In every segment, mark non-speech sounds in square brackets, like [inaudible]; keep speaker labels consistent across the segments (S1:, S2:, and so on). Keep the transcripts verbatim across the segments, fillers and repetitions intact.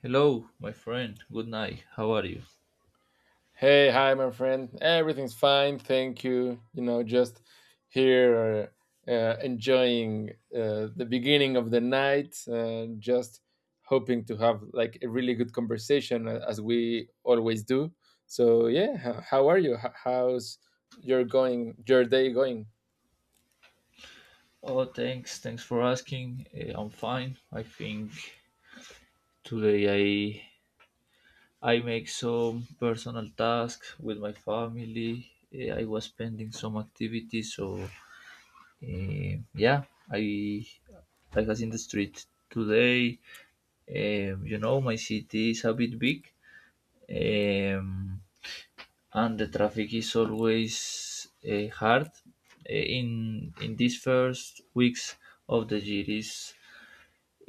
S1: Hello, my friend. Good night. How are you?
S2: Hey, hi, my friend. Everything's fine, thank you. You know, just here uh, uh, enjoying uh, the beginning of the night, uh, just hoping to have like a really good conversation uh, as we always do. So yeah, h- how are you? H- How's your going? Your day going?
S1: Oh, thanks. Thanks for asking. Eh, I'm fine. I think today I I make some personal tasks with my family. Eh, I was pending some activities, so eh, yeah, I I was in the street today. Um, you know, my city is a bit big. Um, and the traffic is always uh, hard. Eh, in in these first weeks of the year is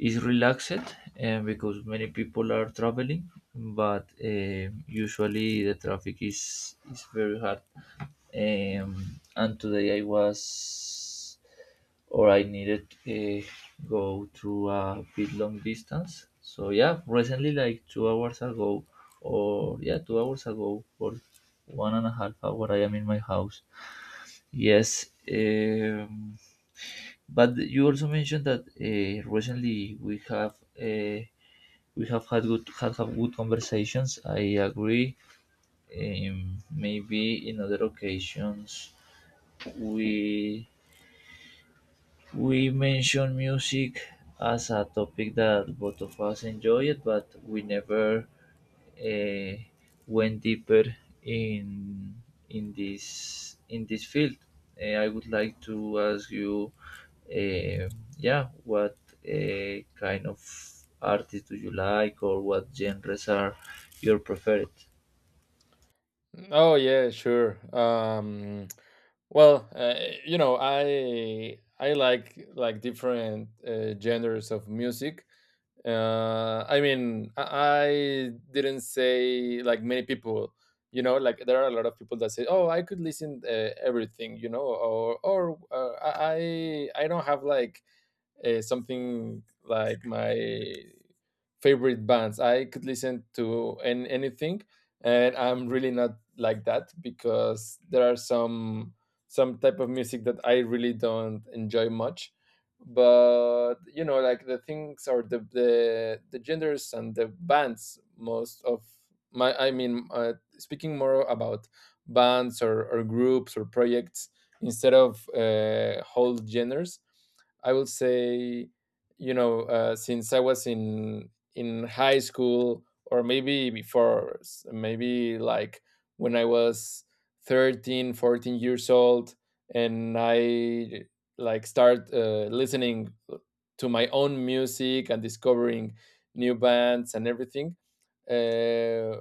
S1: is relaxed, and because many people are traveling. But uh, usually the traffic is is very hard. Um, and today I was or I needed uh, go to a bit long distance. So yeah, recently like two hours ago, or yeah, two hours ago, or one and a half hour, I am in my house. Yes, um, but you also mentioned that uh, recently we have uh, we have had good had have good conversations. I agree. Um, maybe in other occasions we we mentioned music as a topic that both of us enjoyed, but we never uh, went deeper in in this in this field. Uh, I would like to ask you, uh, yeah, what uh, kind of artist do you like, or what genres are your preferred?
S2: Oh yeah, sure. Um, well, uh, you know, I I like like different uh, genres of music. uh, i mean i I didn't say like many people, you know, like there are a lot of people that say, oh, I could listen uh, everything, you know, or or uh, i i I don't have like uh, something like my favorite bands. I could listen to an anything, and I'm really not like that because there are some some type of music that I really don't enjoy much. But you know, like the things or the the, the genders and the bands. Most of my, I mean, uh, speaking more about bands or, or groups or projects instead of uh, whole genders. I will say, you know, uh, since I was in in high school or maybe before s- maybe like when I was thirteen, fourteen years old and I like start uh, listening to my own music and discovering new bands and everything, uh,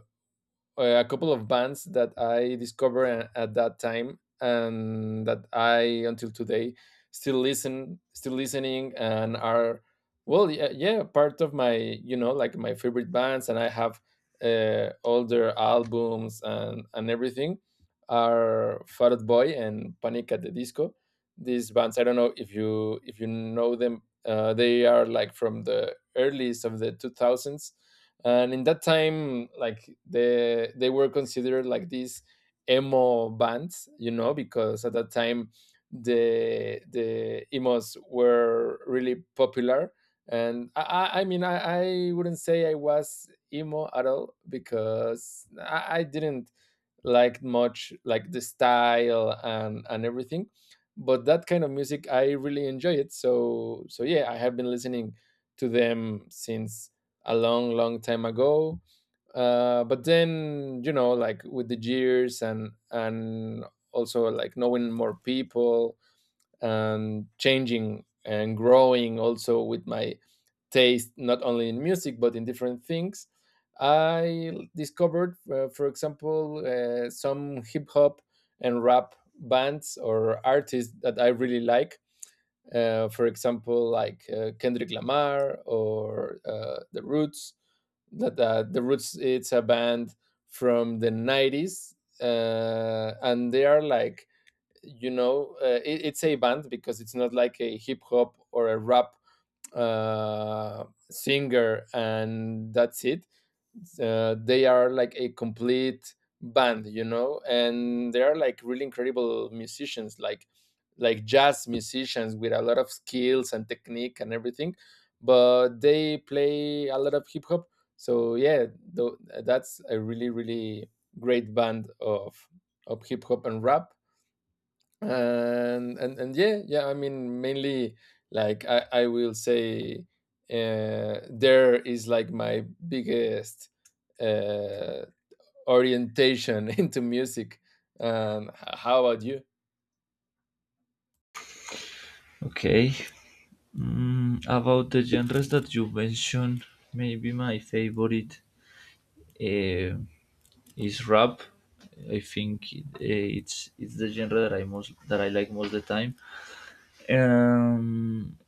S2: uh, a couple of bands that I discovered a- at that time and that I until today still listen, still listening, and are, well, yeah, yeah part of my, you know, like my favorite bands, and I have uh, all their albums and and everything, are Fat Out Boy and Panic at the Disco. These bands, I don't know if you if you know them, uh, they are like from the earliest of the two thousands, and in that time like the they were considered like these emo bands, you know, because at that time the the emos were really popular. And i i I mean, i, I wouldn't say I was emo at all because i, I didn't liked much like the style and and everything, but that kind of music I really enjoy it. So so yeah, I have been listening to them since a long, long time ago. Uh but then, you know, like with the years and and also like knowing more people and changing and growing also with my taste, not only in music but in different things. I discovered, uh, for example, uh, some hip hop and rap bands or artists that I really like. Uh, for example, like uh, Kendrick Lamar or uh, The Roots. That uh, The Roots, it's a band from the nineties, uh, and they are like, you know, uh, it, it's a band because it's not like a hip hop or a rap uh, singer and that's it. Uh, they are like a complete band, you know, and they are like really incredible musicians, like like jazz musicians with a lot of skills and technique and everything. But they play a lot of hip hop, so yeah, tho- that's a really, really great band of of hip hop and rap. And and and Yeah, yeah I mean mainly, like I I will say, uh there is like my biggest uh orientation [laughs] into music. And h- how about you?
S1: Okay. Mm, about the genres that you mentioned, maybe my favorite. Uh, is rap. I think it- it's it's the genre that I most that I like most the time. Um,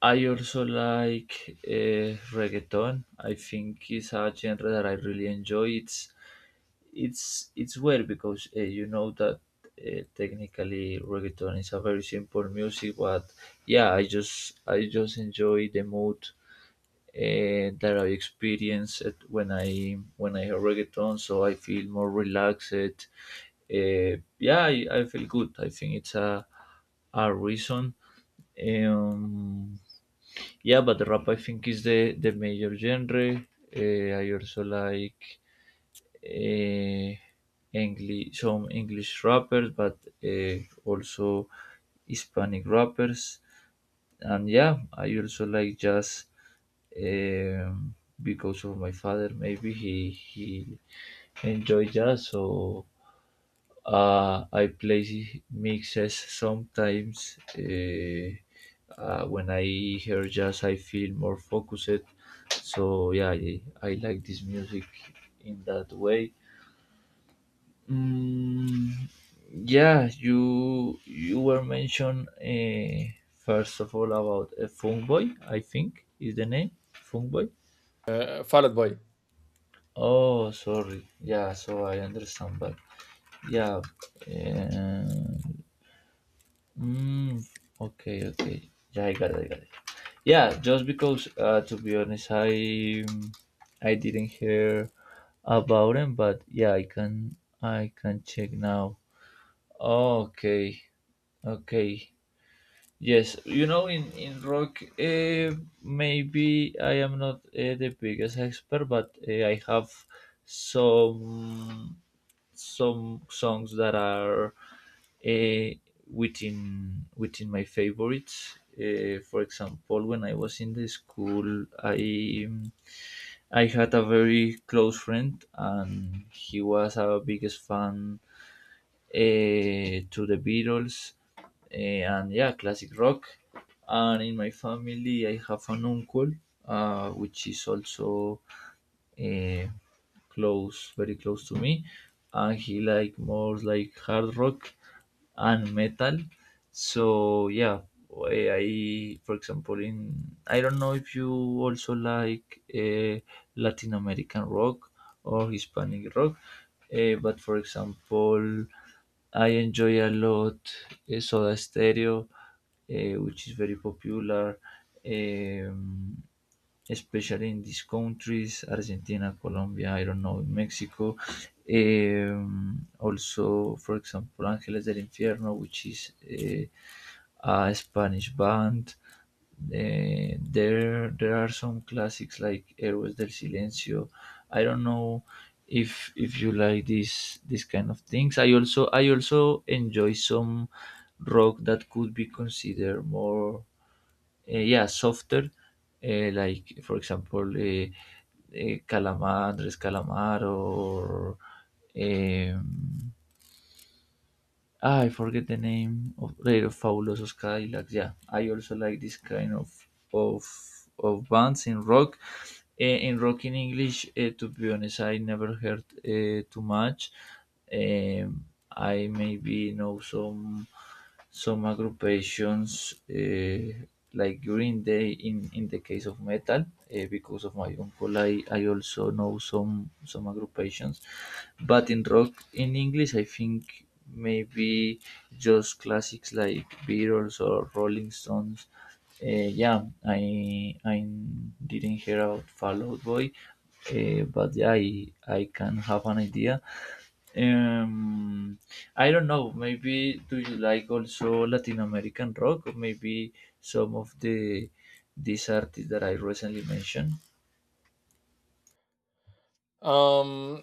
S1: I also like uh, reggaeton. I think it's a genre that I really enjoy. It's it's it's weird because uh, you know that uh, technically reggaeton is a very simple music, but yeah, I just I just enjoy the mood uh, that I experienced when I when I hear reggaeton. So I feel more relaxed. Uh, yeah, I, I feel good. I think it's a a reason. Um, yeah, but rap I think is the the major genre. Uh, I also like uh, English some English rappers, but uh, also Hispanic rappers. And yeah, I also like jazz, um, because of my father. Maybe he he enjoy jazz, so uh, I play mixes sometimes. Uh, uh, when I hear jazz I feel more focused, so yeah, i, I like this music in that way. Mm, yeah, you you were mentioned uh, first of all about a Boy, I think is the name Boy.
S2: uh, Fall Out boy.
S1: Oh, sorry. Yeah, so I understand, but yeah. Um, mm, okay, okay. Yeah, I got it. I got it. Yeah, just because uh, to be honest, I I didn't hear about him, but yeah, I can I can check now. Okay, okay. Yes, you know, in in rock, uh, maybe I am not uh, the biggest expert, but uh, I have some some songs that are uh, within within my favorites. Uh, for example, when I was in the school, I I had a very close friend, and he was a biggest fan uh, to the Beatles, eh, and yeah, classic rock. And in my family, I have an uncle, uh, which is also eh, close, very close to me, and he like more like hard rock and metal. So yeah, I, I- for example in, I don't know if you also like uh, Latin American rock or Hispanic rock, eh, but for example I enjoy a lot eh, Soda Stereo, eh, which is very popular. Um, Especially in these countries: Argentina, Colombia, I don't know, Mexico. Um, also, for example, Ángeles del Infierno, which is a, a Spanish band. Eh, there, there are some classics like Héroes del Silencio. I don't know if if you like this this kind of things. I also I also enjoy some rock that could be considered more uh, yeah, softer, uh, like for example, uh, uh, Calamar, Andres Calamar, or um, ah, I forget the name of the Fabulosos Cadillacs. Yeah, I also like this kind of of of bands in rock. Uh, in rock in English, uh, to be honest, I never heard uh, too much. Um, I maybe know some some agrupations uh, like Green Day, in, in the case of metal uh, because of my uncle, I, I also know some some agrupations, but in rock in English I think maybe just classics like Beatles or Rolling Stones. uh, yeah I I didn't hear about Fall Out Boy. Uh, but yeah, I, I can have an idea. um I don't know, maybe do you like also Latin American rock, or maybe some of the these artists that I recently mentioned?
S2: um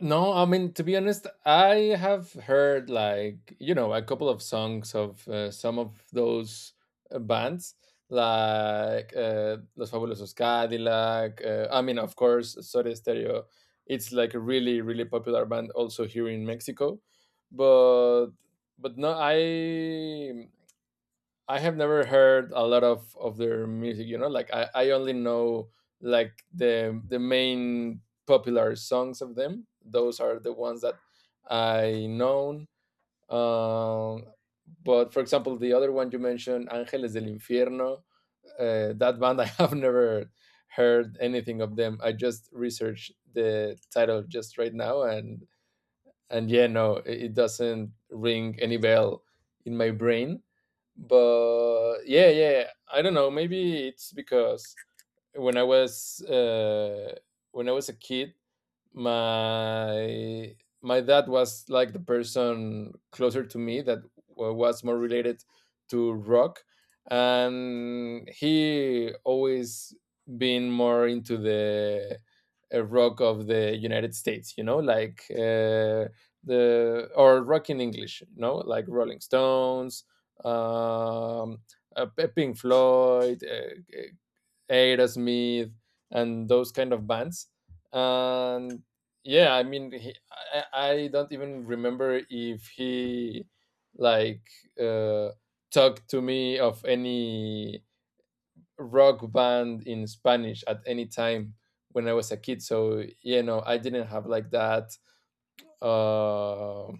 S2: No, I mean, to be honest, I have heard like, you know, a couple of songs of uh, some of those uh, bands like uh, Los Fabulosos Cadillac. Uh, I mean, of course, Soda Stereo. It's like a really, really popular band also here in Mexico, but but no, I I have never heard a lot of of their music. You know, like I I only know like the the main popular songs of them. Those are the ones that I known. Um, but for example, the other one you mentioned, Ángeles del Infierno, uh, that band I have [laughs] never heard anything of them. I just researched the title just right now, and and yeah, no, it it doesn't ring any bell in my brain. But yeah, yeah I don't know, maybe it's because when i was uh when I was a kid, my my dad was like the person closer to me that wa- was more related to rock. And he always been more into the uh, rock of the United States. You know, like uh, the or rock in English. You know, like Rolling Stones, um uh, P- Pink Floyd, uh, uh, Aerosmith, and those kind of bands. And yeah, I mean, he, I, I don't even remember if he like uh, talked to me of any rock band in Spanish at any time when I was a kid. So you know, I didn't have like that uh,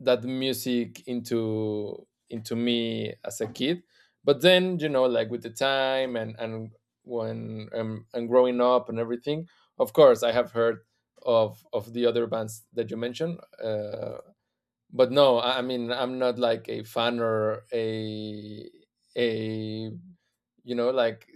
S2: that music into into me as a kid. But then, you know, like with the time and and when um, and growing up and everything, of course I have heard of of the other bands that you mentioned, uh, but no. i I mean, I'm not like a fan or a a you know, like,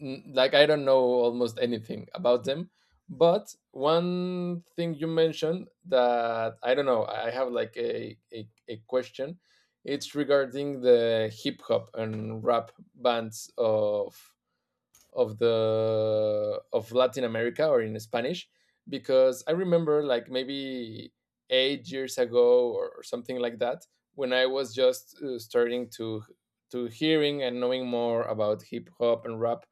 S2: n- like I don't know almost anything about them. But one thing you mentioned that I don't know, I have like a, a, a question, it's regarding the hip hop and rap bands of of the of Latin America or in Spanish. Because I remember, like, maybe eight years ago or something like that, when I was just uh, starting to to hearing and knowing more about hip hop and rap.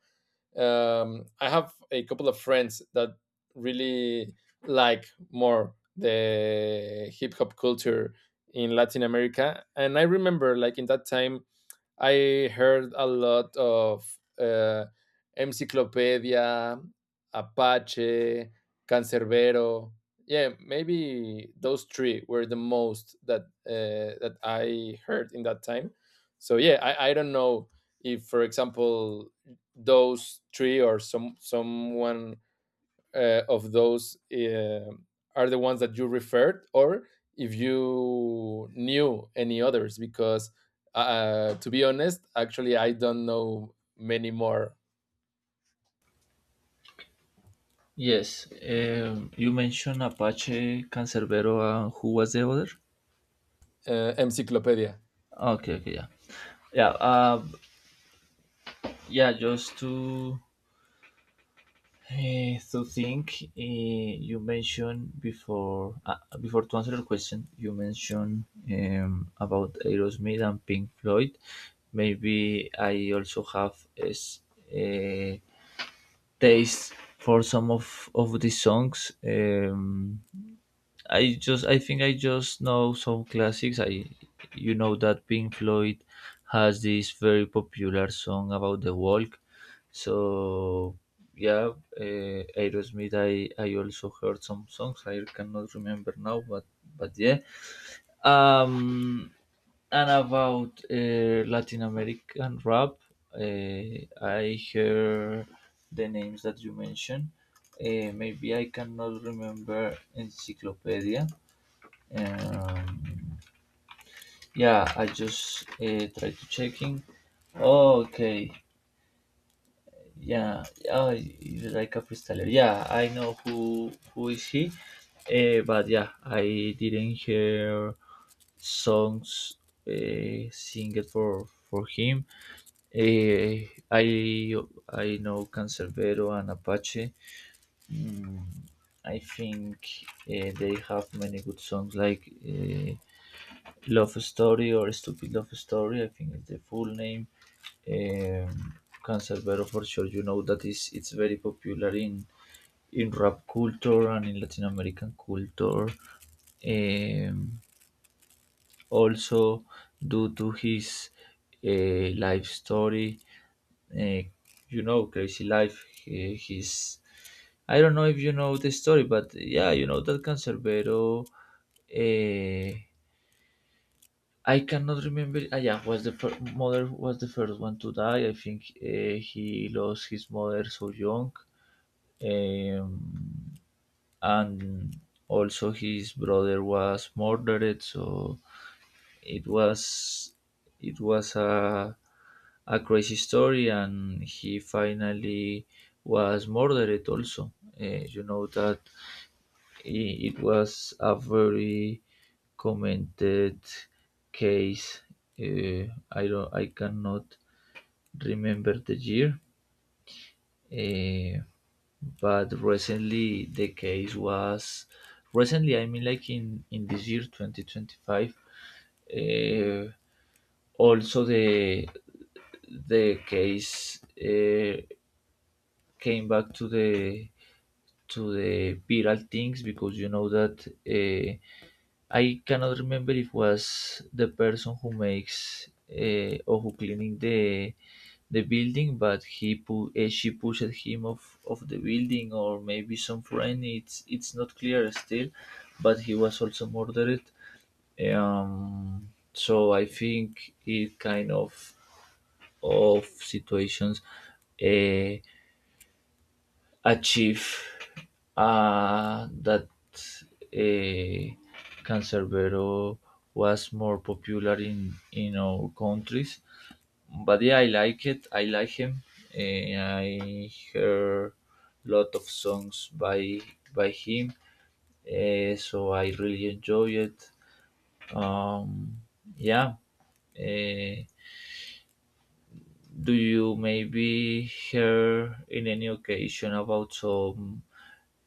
S2: Um, I have a couple of friends that really like more the hip hop culture in Latin America. And I remember like in that time I heard a lot of uh, Encyclopedia, Apache, Cancerbero. Yeah, maybe those three were the most that uh, that I heard in that time. So yeah, I, I don't know if, for example, those three or some someone uh, of those uh, are the ones that you referred, or if you knew any others, because uh, to be honest, actually, I don't know many more.
S1: Yes. Um you mentioned Apache, Cancerbero, and who was the other?
S2: uh, Encyclopedia.
S1: Okay, okay. yeah yeah uh yeah just to Eh, so think, eh, you mentioned before, uh, before to answer your question you mentioned um, about Aerosmith and Pink Floyd. Maybe I also have a, s- a taste for some of of the songs. um, I just I think I just know some classics. I You know that Pink Floyd has this very popular song about the walk. So yeah, uh, Aerosmith, I I also heard some songs. I cannot remember now, but but yeah. Um, and about uh, Latin American rap, uh, I hear the names that you mentioned. Uh, maybe I cannot remember Encyclopedia. um, yeah, I just uh, tried to checking. Okay, yeah, oh, he's like a freestyler. Yeah, I know who who is he, uh, but yeah, I didn't hear songs uh, sing it for for him. Eh, I I know Cancerbero and Apache. Mm, I think uh, they have many good songs like uh, Love Story, or Stupid Love Story, I think is the full name. Um, Cancerbero for sure, you know that is it's very popular in in rap culture and in Latin American culture. Um, Also, due to his uh, life story, uh, you know, Crazy Life, he, he's, I don't know if you know the story, but yeah, you know that Cancerbero. Uh, I cannot remember. Ah, yeah, was the fir- mother was the first one to die. I think uh, he lost his mother so young, um, and also his brother was murdered. So it was it was a a crazy story, and he finally was murdered also. Uh, you know that i- it was a very commented case. Uh, I don't, I cannot remember the year, uh, but recently the case was recently. I mean, like in in this year, twenty twenty five. Uh, Also, the the case uh, came back to the to the viral things because you know that. Uh, I cannot remember if was the person who makes, uh, or who cleaning the the building, but he pu- uh, she pushed him off of the building, or maybe some friend. It's it's not clear still, but he was also murdered. Um, so I think it kind of of situations Uh, achieve uh, that uh, Cancerbero was more popular in in our countries. But yeah, I like it. I like him. Eh, I hear lot of songs by by him, eh, so I really enjoy it. Um, yeah. Eh, do you maybe hear in any occasion about some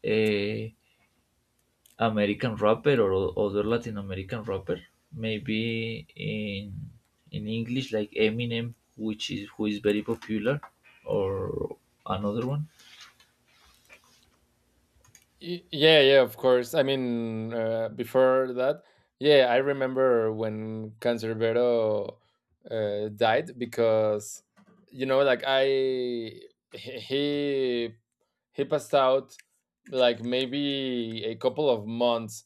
S1: uh, American rapper, or o- other Latin American rapper, maybe in in English like Eminem, which is who is very popular, or another one?
S2: Y- Yeah, yeah, of course. I mean, uh, before that, yeah, I remember when Cancerbero uh, died. Because, you know, like I, he he he passed out like maybe a couple of months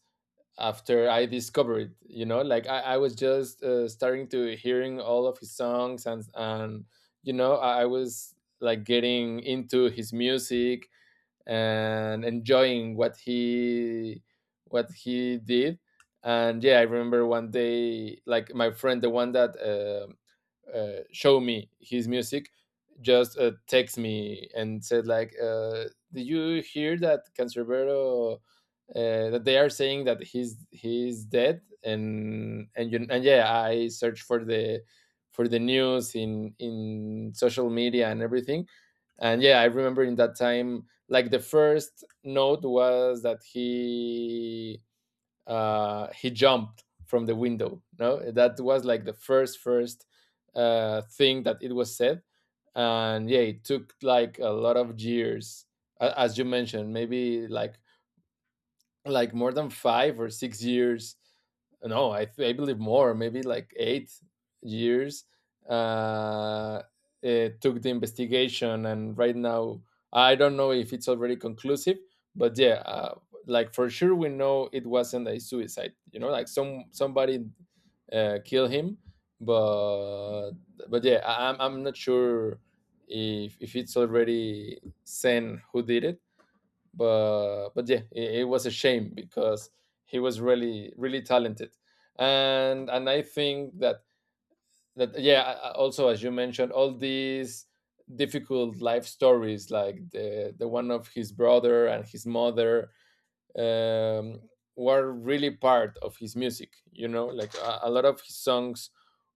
S2: after I discovered it. You know, like I, I was just uh, starting to hearing all of his songs, and, and you know, I, I was like getting into his music and enjoying what he, what he did. And yeah, I remember one day, like my friend, the one that uh, uh, show me his music, just uh, text me and said like, uh, did you hear that Cancerbero uh, that they are saying that he's he's dead? And and you, and yeah, I searched for the for the news in in social media and everything. And yeah, I remember in that time like the first note was that he uh, he jumped from the window. No, that was like the first first uh, thing that it was said. And yeah, it took like a lot of years, as you mentioned, maybe like like more than five or six years. No I, th- I believe more, maybe like eight years. uh it took the investigation, and right now I don't know if it's already conclusive. But yeah, uh, like for sure we know it wasn't a suicide. You know, like some somebody uh, kill him. but but yeah, I, i'm I'm not sure if if it's already sent who did it. but but yeah, it, it was a shame because he was really, really talented. and and I think that that yeah, I- I- also as you mentioned, all these difficult life stories like the the one of his brother and his mother, um were really part of his music. You know, like a, a lot of his songs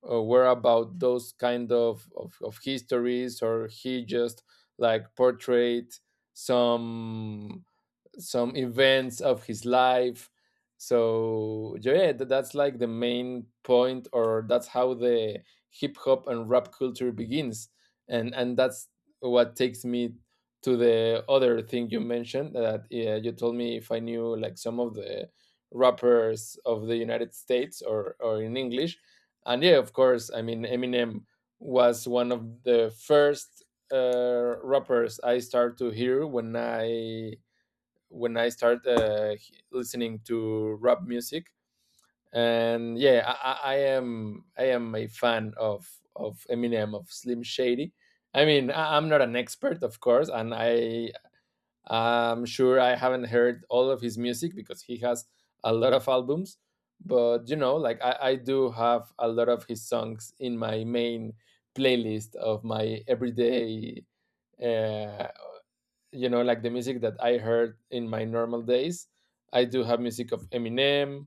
S2: uh, were about those kind of, of of histories, or he just like portrayed some some events of his life. So so yeah, tha- that's like the main point, or that's how the hip hop and rap culture begins. and and that's what takes me to the other thing you mentioned, that yeah, you told me if I knew like some of the rappers of the United States or or in English. And yeah, of course, I mean, Eminem was one of the first uh, rappers I started to hear when I when I start uh, listening to rap music. And yeah, I, I I am, I am a fan of of Eminem, of Slim Shady. I mean, I, I'm not an expert, of course, and I I'm sure I haven't heard all of his music because he has a lot of albums. But you know, like I, I do have a lot of his songs in my main playlist of my everyday, uh, you know like the music that I heard in my normal days. I do have music of Eminem.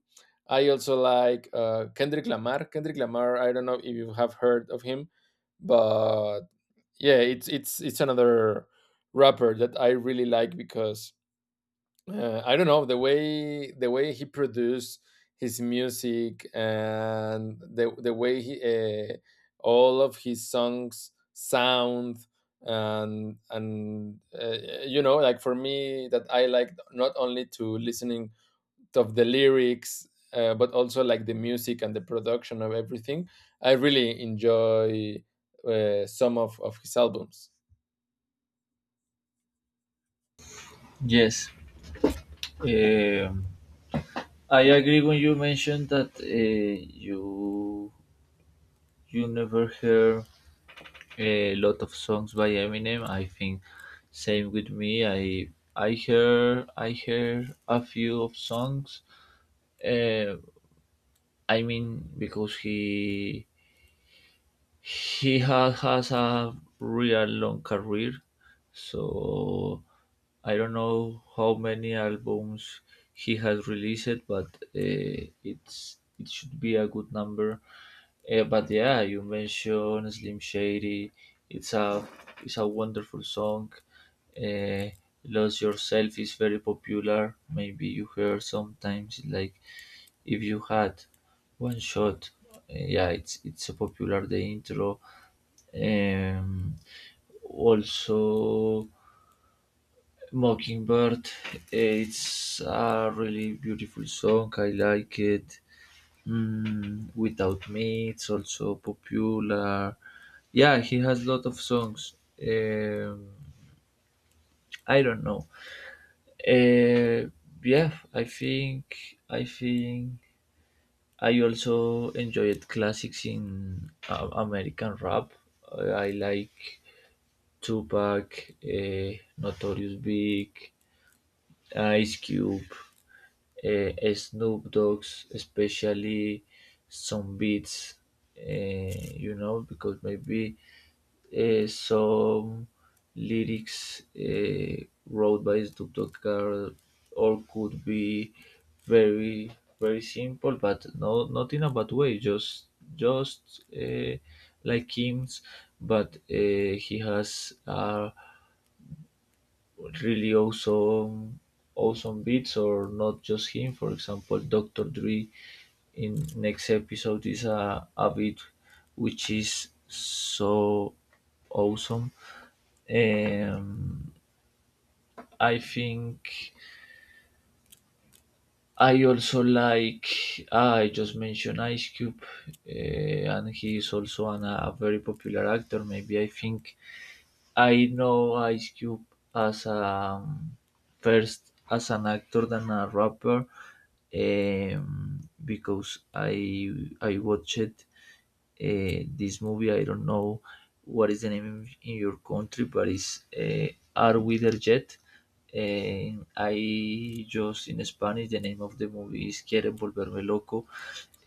S2: I also like, uh, kendrick lamar kendrick lamar I don't know if you have heard of him, but yeah, it's it's it's another rapper that I really like because, uh, I don't know, the way the way he produced his music, and the the way he, uh, all of his songs sound. And and uh, you know like, for me that I like not only to listening of the lyrics, uh, but also like the music and the production of everything. I really enjoy, uh, some of of his albums.
S1: Yes, um, I agree when you mentioned that uh, you you never hear a lot of songs by Eminem. I think same with me. I I hear I hear a few of songs. Uh, I mean because he he has has a real long career, so I don't know how many albums he has released, but uh, it's it should be a good number. Uh, but yeah, you mentioned Slim Shady. It's a it's a wonderful song. Uh, Lose Yourself is very popular. Maybe you hear sometimes like, if you had one shot. Uh, yeah, it's it's a popular the intro. um, Also, Mockingbird, it's a really beautiful song. I like it. Mm, Without Me, it's also popular. Yeah, he has lot of songs. Um, I don't know. Uh, yeah, I think I think I also enjoyed classics in uh, American rap. I I like Tupac, uh, Notorious Big, Ice Cube, uh, Snoop Dogg's, especially some beats, uh, you know, because maybe uh, some lyrics uh, wrote by Snoop Dogg are, or could be very very simple, but no, not in a bad way, just just uh, like Kim's, but uh, he has a really awesome awesome beats, or not just him. For example, Dr. Dre in Next Episode is a, a beat which is so awesome. Um I think I also like ah, I just mentioned Ice Cube, uh, and he is also an, a very popular actor. Maybe I think I know Ice Cube as a um, first as an actor than a rapper, um, because I I watched uh, this movie. I don't know what is the name in, in your country, but it's uh, Are We There Yet? And I just in Spanish the name of the movie is Quieren Volverme Loco,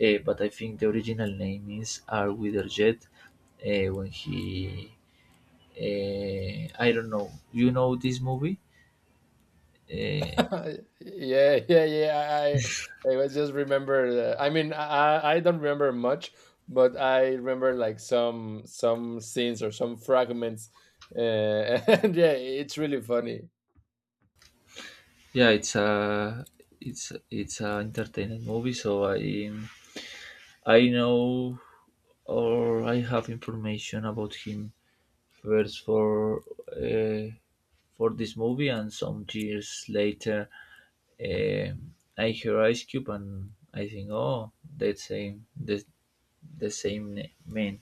S1: uh, but I think the original name is Are We There Yet? Uh, when he uh, I don't know. You know this movie? Uh,
S2: [laughs] Yeah, yeah, yeah. I I was just remember. The, I mean, I I I don't remember much, but I remember like some some scenes or some fragments. Uh, [laughs] and yeah, it's really funny.
S1: yeah, it's a it's it's a entertaining movie. So I I know or I have information about him first for uh, for this movie, and some years later um I hear Ice Cube and I think, oh, that same the the same man.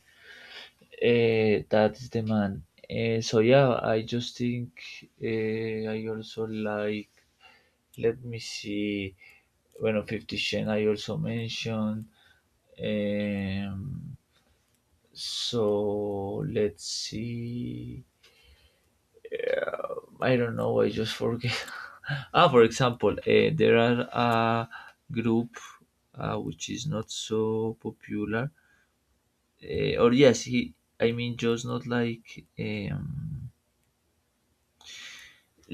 S1: Eh, that is the man. Eh, so yeah, I just think eh, I also like. Let me see. When on Fifty Shades, I also mentioned. Um, so let's see. I don't know. I just forget. [laughs] Ah, for example, uh, there are a group uh, which is not so popular. Uh, or yes, he. I mean, just not like. Um,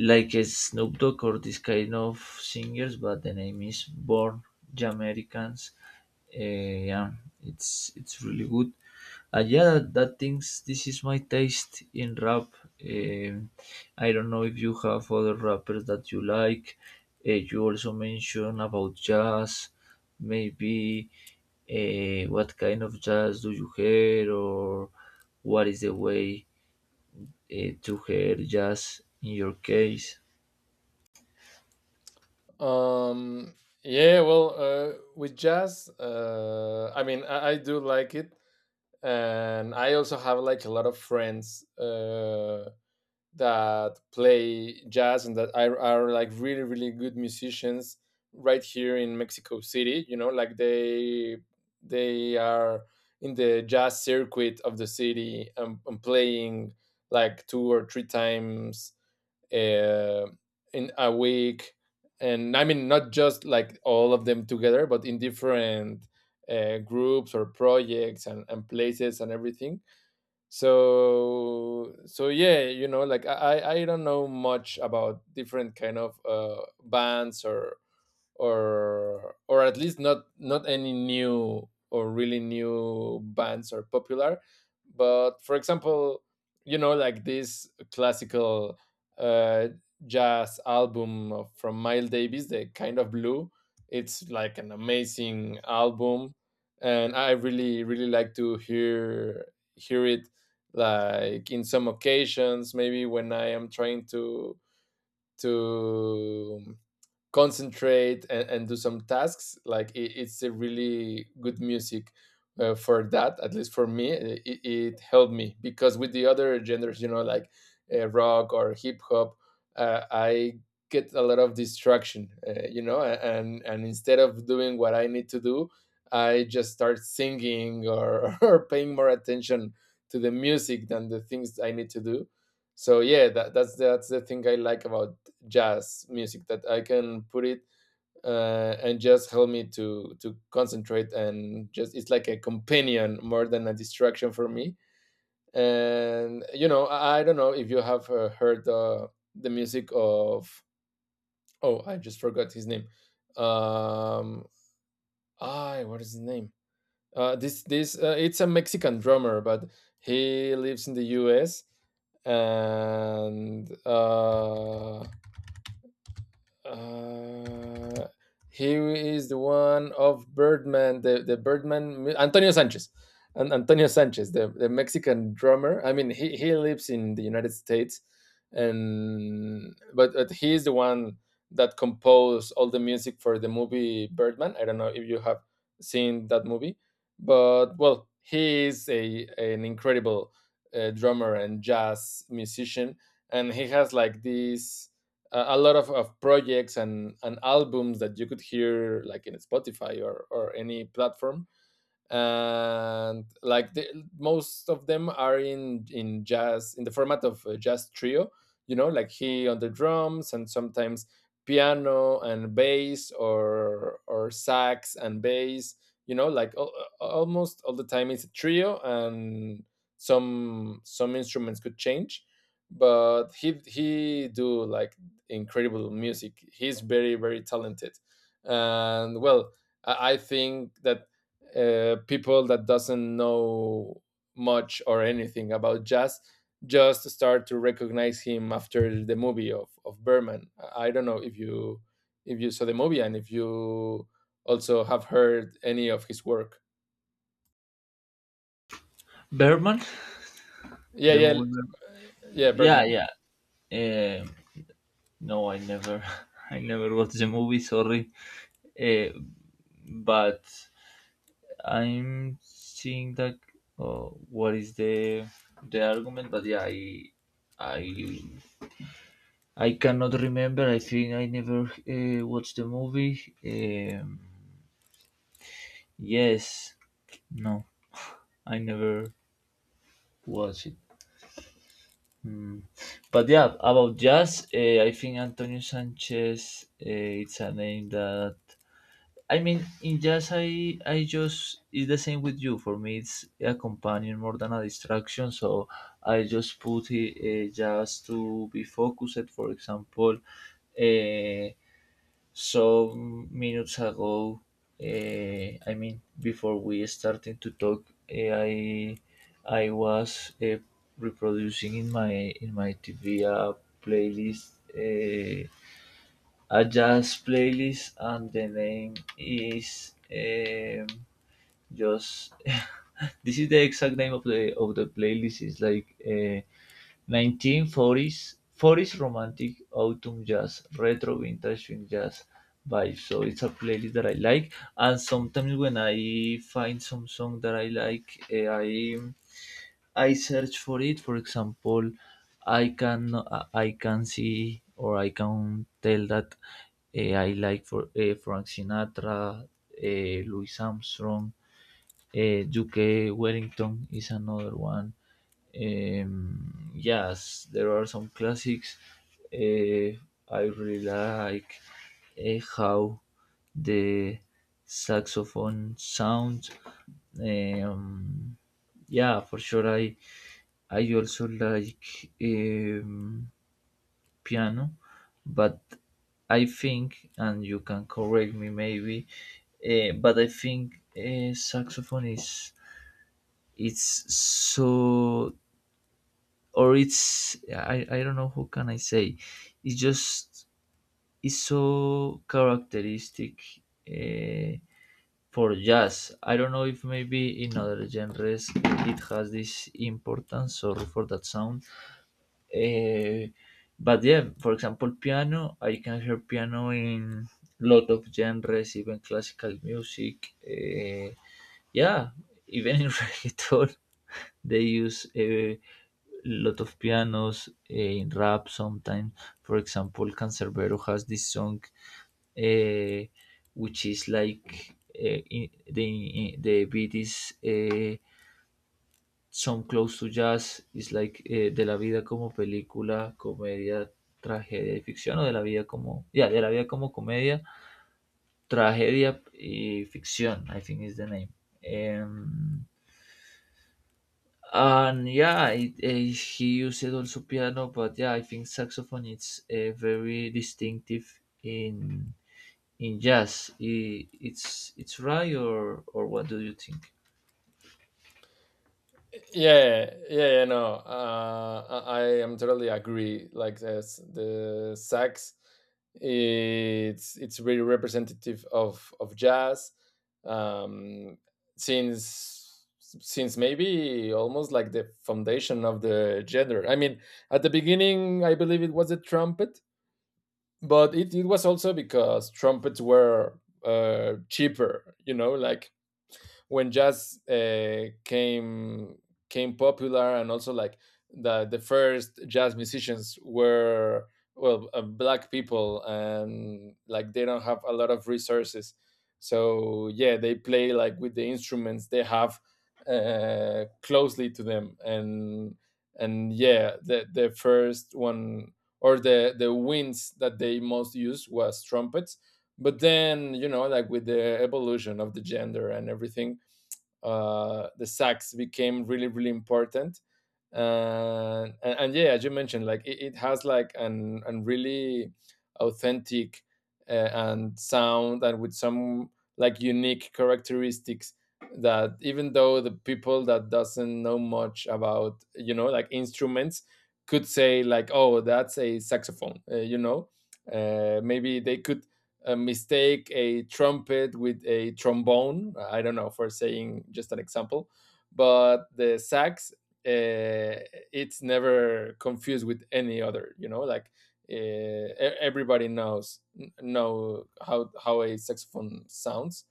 S1: Like a Snoop Dogg or this kind of singers, but the name is Born Jamaicans. Eh, yeah, it's it's really good. And yeah, that, that things. This is my taste in rap. Um, I don't know if you have other rappers that you like. Eh, you also mentioned about jazz. Maybe uh, what kind of jazz do you hear, or what is the way uh, to hear jazz in your case?
S2: Um, yeah, well, uh, with jazz, uh, I mean, I, I do like it, and I also have like a lot of friends, Uh, that play jazz and that are, are like really really good musicians right here in Mexico City. You know like, they they are in the jazz circuit of the city, and, and playing like two or three times, uh, in a week. And I mean not just like all of them together, but in different, uh, groups or projects, and, and places and everything. So so yeah, you know like, i i I don't know much about different kind of, uh bands, or or or at least not not any new or really new bands are popular. But for example, you know like this classical, uh, jazz album of- from Miles Davis, the Kind of Blue, it's like an amazing album, and I really really like to hear, hear it like in some occasions, maybe when I am trying to, to concentrate, and, and do some tasks. Like it, it's a really good music, uh, for that. At least for me, it, it helped me, because with the other genders, you know like, uh, rock or hip hop, uh, I get a lot of distraction. uh, you know a- and and instead of doing what I need to do, I just start singing, or [laughs] or paying more attention to the music than the things I need to do. So yeah, that, that's that's the thing I like about jazz music, that I can put it, uh, and just help me to, to concentrate, and just it's like a companion more than a distraction for me. And you know, I, I don't know if you have, uh, heard, uh, the music of, oh, I just forgot his name. Um, I, what is his name? Uh, this this uh, it's a Mexican drummer, but he lives in the U S and uh, Uh, he is the one of Birdman, the, the Birdman, mu- Antonio Sanchez. And Antonio Sanchez, the, the Mexican drummer. I mean, he, he lives in the United States, and but, but he is the one that composed all the music for the movie Birdman. I don't know if you have seen that movie, but well, he is a an incredible, uh, drummer and jazz musician, and he has like this a, a lot of, of projects, and, and albums that you could hear like in Spotify, or or any platform. And like the, most of them are in in jazz, in the format of a jazz trio. You know like, he on the drums, and sometimes piano and bass, or or sax and bass. you know like al- Almost all the time it's a trio, and some some instruments could change. But he he do like incredible music. He's very very talented. And well, I I think that, uh, people that doesn't know much or anything about jazz just start to recognize him after the movie of, of Birdman. I don't know if you, if you saw the movie, and if you also have heard any of his work.
S1: Berman,
S2: Yeah,
S1: the
S2: yeah,
S1: movie. Bergman.
S2: yeah,
S1: Yeah,
S2: Birdman.
S1: yeah. Um no, I never, [laughs] I never watched the movie. Sorry, uh, but I'm seeing that. Oh, what is the the argument? But yeah, I, I, I cannot remember. I think I never uh, watched the movie. Um, yes, no, I never watched it. Mm. But yeah, about jazz, uh, I think Antonio Sanchez uh, it's a name that I mean in jazz I I just it's the same with you. For me, it's a companion more than a distraction. So I just put it uh, jazz to be focused. For example, uh, some minutes ago, uh, I mean, before we started to talk, eh, I I was uh, reproducing in my in my T V a playlist, uh, a jazz playlist, and the name is um, just. [laughs] This is the exact name of the of the playlist. It's like. Uh, Nineteen-forties forties romantic autumn jazz, retro vintage swing jazz vibe. So it's a playlist that I like. And sometimes when I find some song that I like, eh, I I search for it. For example, I can I I can see or I can tell that eh, I like for eh, Frank Sinatra, eh, Louis Armstrong, uh, U K Wellington is another one. Um, yes, there are some classics. Uh, I really like uh, how the saxophone sounds. Um, yeah, for sure. I I also like um, piano, but I think, and you can correct me maybe, uh, but I think uh, saxophone is. It's so or it's. I, I don't know how can I say. It's just it's so characteristic uh, for jazz. I don't know if maybe in other genres it has this importance. Sorry for that sound. uh, but yeah, for example, piano I can hear piano in lot of genres, even classical music. Uh, yeah, even in [laughs] reggaeton. They use a lot of pianos uh, in rap sometimes. For example, Cancerbero has this song, uh, which is like uh, in, the in the beat is uh, some close to jazz. It's like eh, de la vida como película, comedia, tragedia y ficción, o de la vida como yeah, de la vida como comedia, tragedia y ficción. I think is the name. Em, and yeah, it, eh, he used also piano, but yeah, I think saxophone it's a very distinctive in in jazz. I it's it's right or or what do you think?
S2: Yeah, yeah, yeah, no, uh, I, I am totally agree. Like this, the sax, it's it's really representative of of jazz. um, since since maybe almost like the foundation of the genre. I mean, at the beginning, I believe it was a trumpet, but it, it was also because trumpets were uh cheaper. You know like, when jazz, uh, came came popular. And also like the the first jazz musicians were, well, uh, black people, and like they don't have a lot of resources, so yeah, they play like with the instruments they have, uh, closely to them. and and yeah, the the first one, or the the winds that they most used was trumpets. But then, you know like, with the evolution of the gender and everything, uh, the sacks became really really important. And, and and yeah, as you mentioned, like it, it has like an an really authentic, uh, and sound, and with some like unique characteristics, that even though the people that doesn't know much about, you know like, instruments, could say like, oh, that's a saxophone. Uh, you know uh, maybe they could, uh, mistake a trumpet with a trombone. I don't know, for saying just an example. But the sax, uh, it's never confused with any other. You know, like, uh, e- everybody knows know how how a saxophone sounds.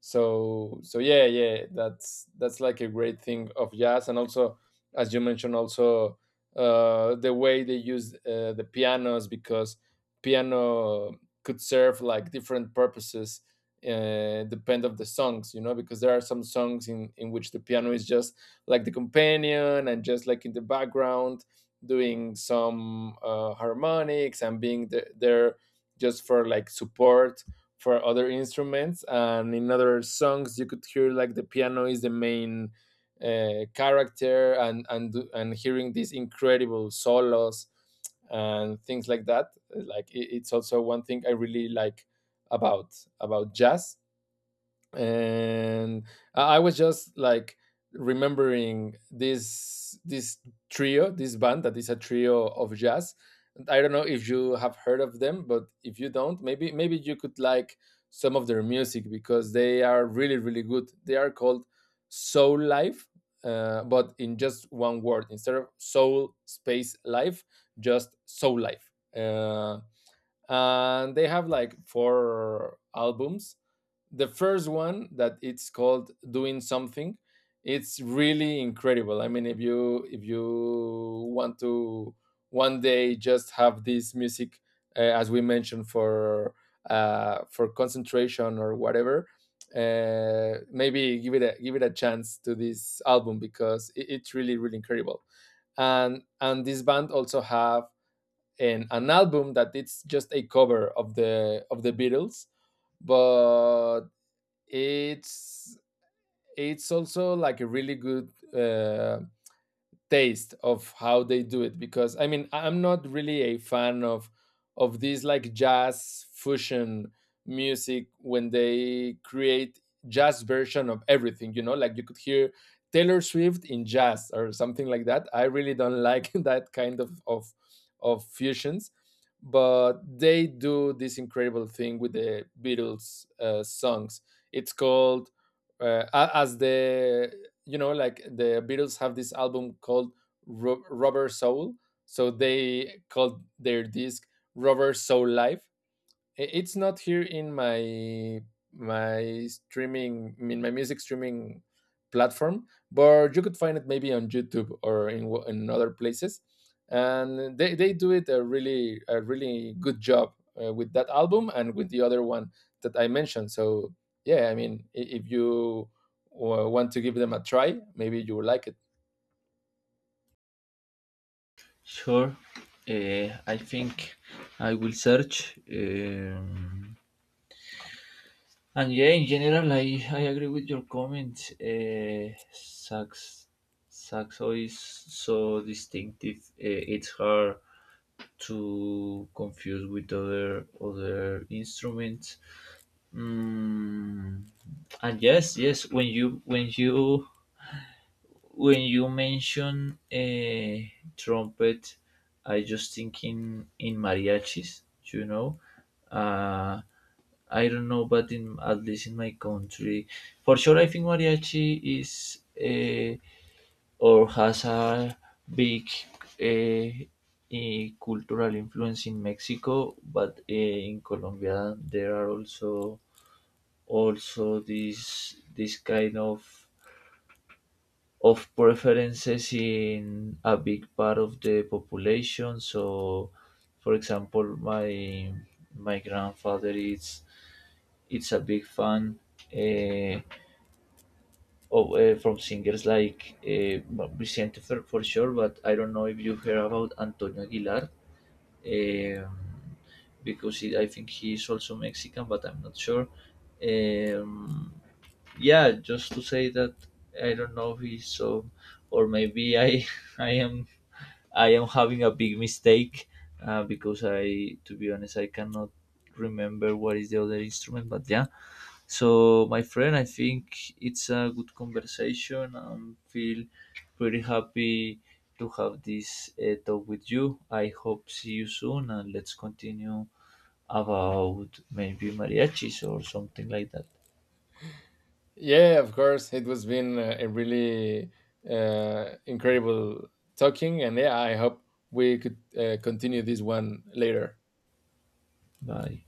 S2: So so yeah yeah that's that's like a great thing of jazz. And also, as you mentioned also, uh, the way they use, uh, the pianos. Because piano could serve like different purposes, uh, depend of the songs. You know, because there are some songs in in which the piano is just like the companion, and just like in the background, doing some, uh, harmonics, and being the, there just for like support for other instruments. And in other songs, you could hear like the piano is the main, uh, character, and and and hearing these incredible solos and things like that. Like it- it's also one thing I really like about about jazz. And I I was just like remembering this this trio, this band that is a trio of jazz. I don't know if you have heard of them, but if you don't, maybe maybe you could like some of their music, because they are really really good. They are called Soul Life, uh, but in just one word, instead of Soul Space Life, just Soul Life. Uh, and they have like four albums. The first one, that it's called Doing Something, it's really incredible. I mean, if you, if you want to one day just have this music, uh, as we mentioned for, uh, for concentration or whatever, uh, maybe give it a give it a chance to this album, because it, it's really really incredible. and and this band also have an, an album that it's just a cover of the, of the Beatles, but it's it's also like a really good, uh, taste of how they do it. Because I mean, I'm not really a fan of of these like jazz fusion music, when they create jazz version of everything. You know, like, you could hear Taylor Swift in jazz or something like that. I really don't like [laughs] that kind of of of fusions. But they do this incredible thing with the Beatles, uh, songs. It's called, uh, as the, you know like the Beatles have this album called Ru- Rubber Soul. So they called their disc Rubber Soul Live. I- it's not here in my, my streaming, I mean my music streaming platform, but you could find it maybe on YouTube, or in, wh- in other places. And they, they do it a really, a really good job, uh, with that album, and with the other one that I mentioned. So yeah, I mean, i- if you, uh, want to give them a try, maybe you will like it.
S1: Sure. uh, I think I will search. Um, and yeah, in general, i i agree with your comment. Uh, sax saxo is so distinctive. Uh, it's hard to confuse with other other instruments. Mm, and yes, yes, when you when you when you mention a trumpet, I just thinking in mariachis. You know, uh, I don't know, but in at least in my country, for sure, I think mariachi is. Uh, or has a big eh, eh, cultural influence in Mexico, but eh, in Colombia there are also also these this kind of of preferences in a big part of the population. So, for example, my my grandfather is it's a big fan. Eh, of uh, From singers like uh, well, Vicente for, for sure, but I don't know if you heard about Antonio Aguilar, um, because he, I think he is also Mexican, but I'm not sure. Um, yeah, just to say that I don't know if he's so, or maybe I [laughs] I am I am having a big mistake uh, because I, to be honest, I cannot remember what is the other instrument, but yeah. So, my friend, I think it's a good conversation. I feel pretty happy to have this uh, talk with you. I hope see you soon, and let's continue about maybe mariachis or something like that.
S2: Yeah, of course. It was been a a really, uh, incredible talking. And yeah, I hope we could, uh, continue this one later.
S1: Bye.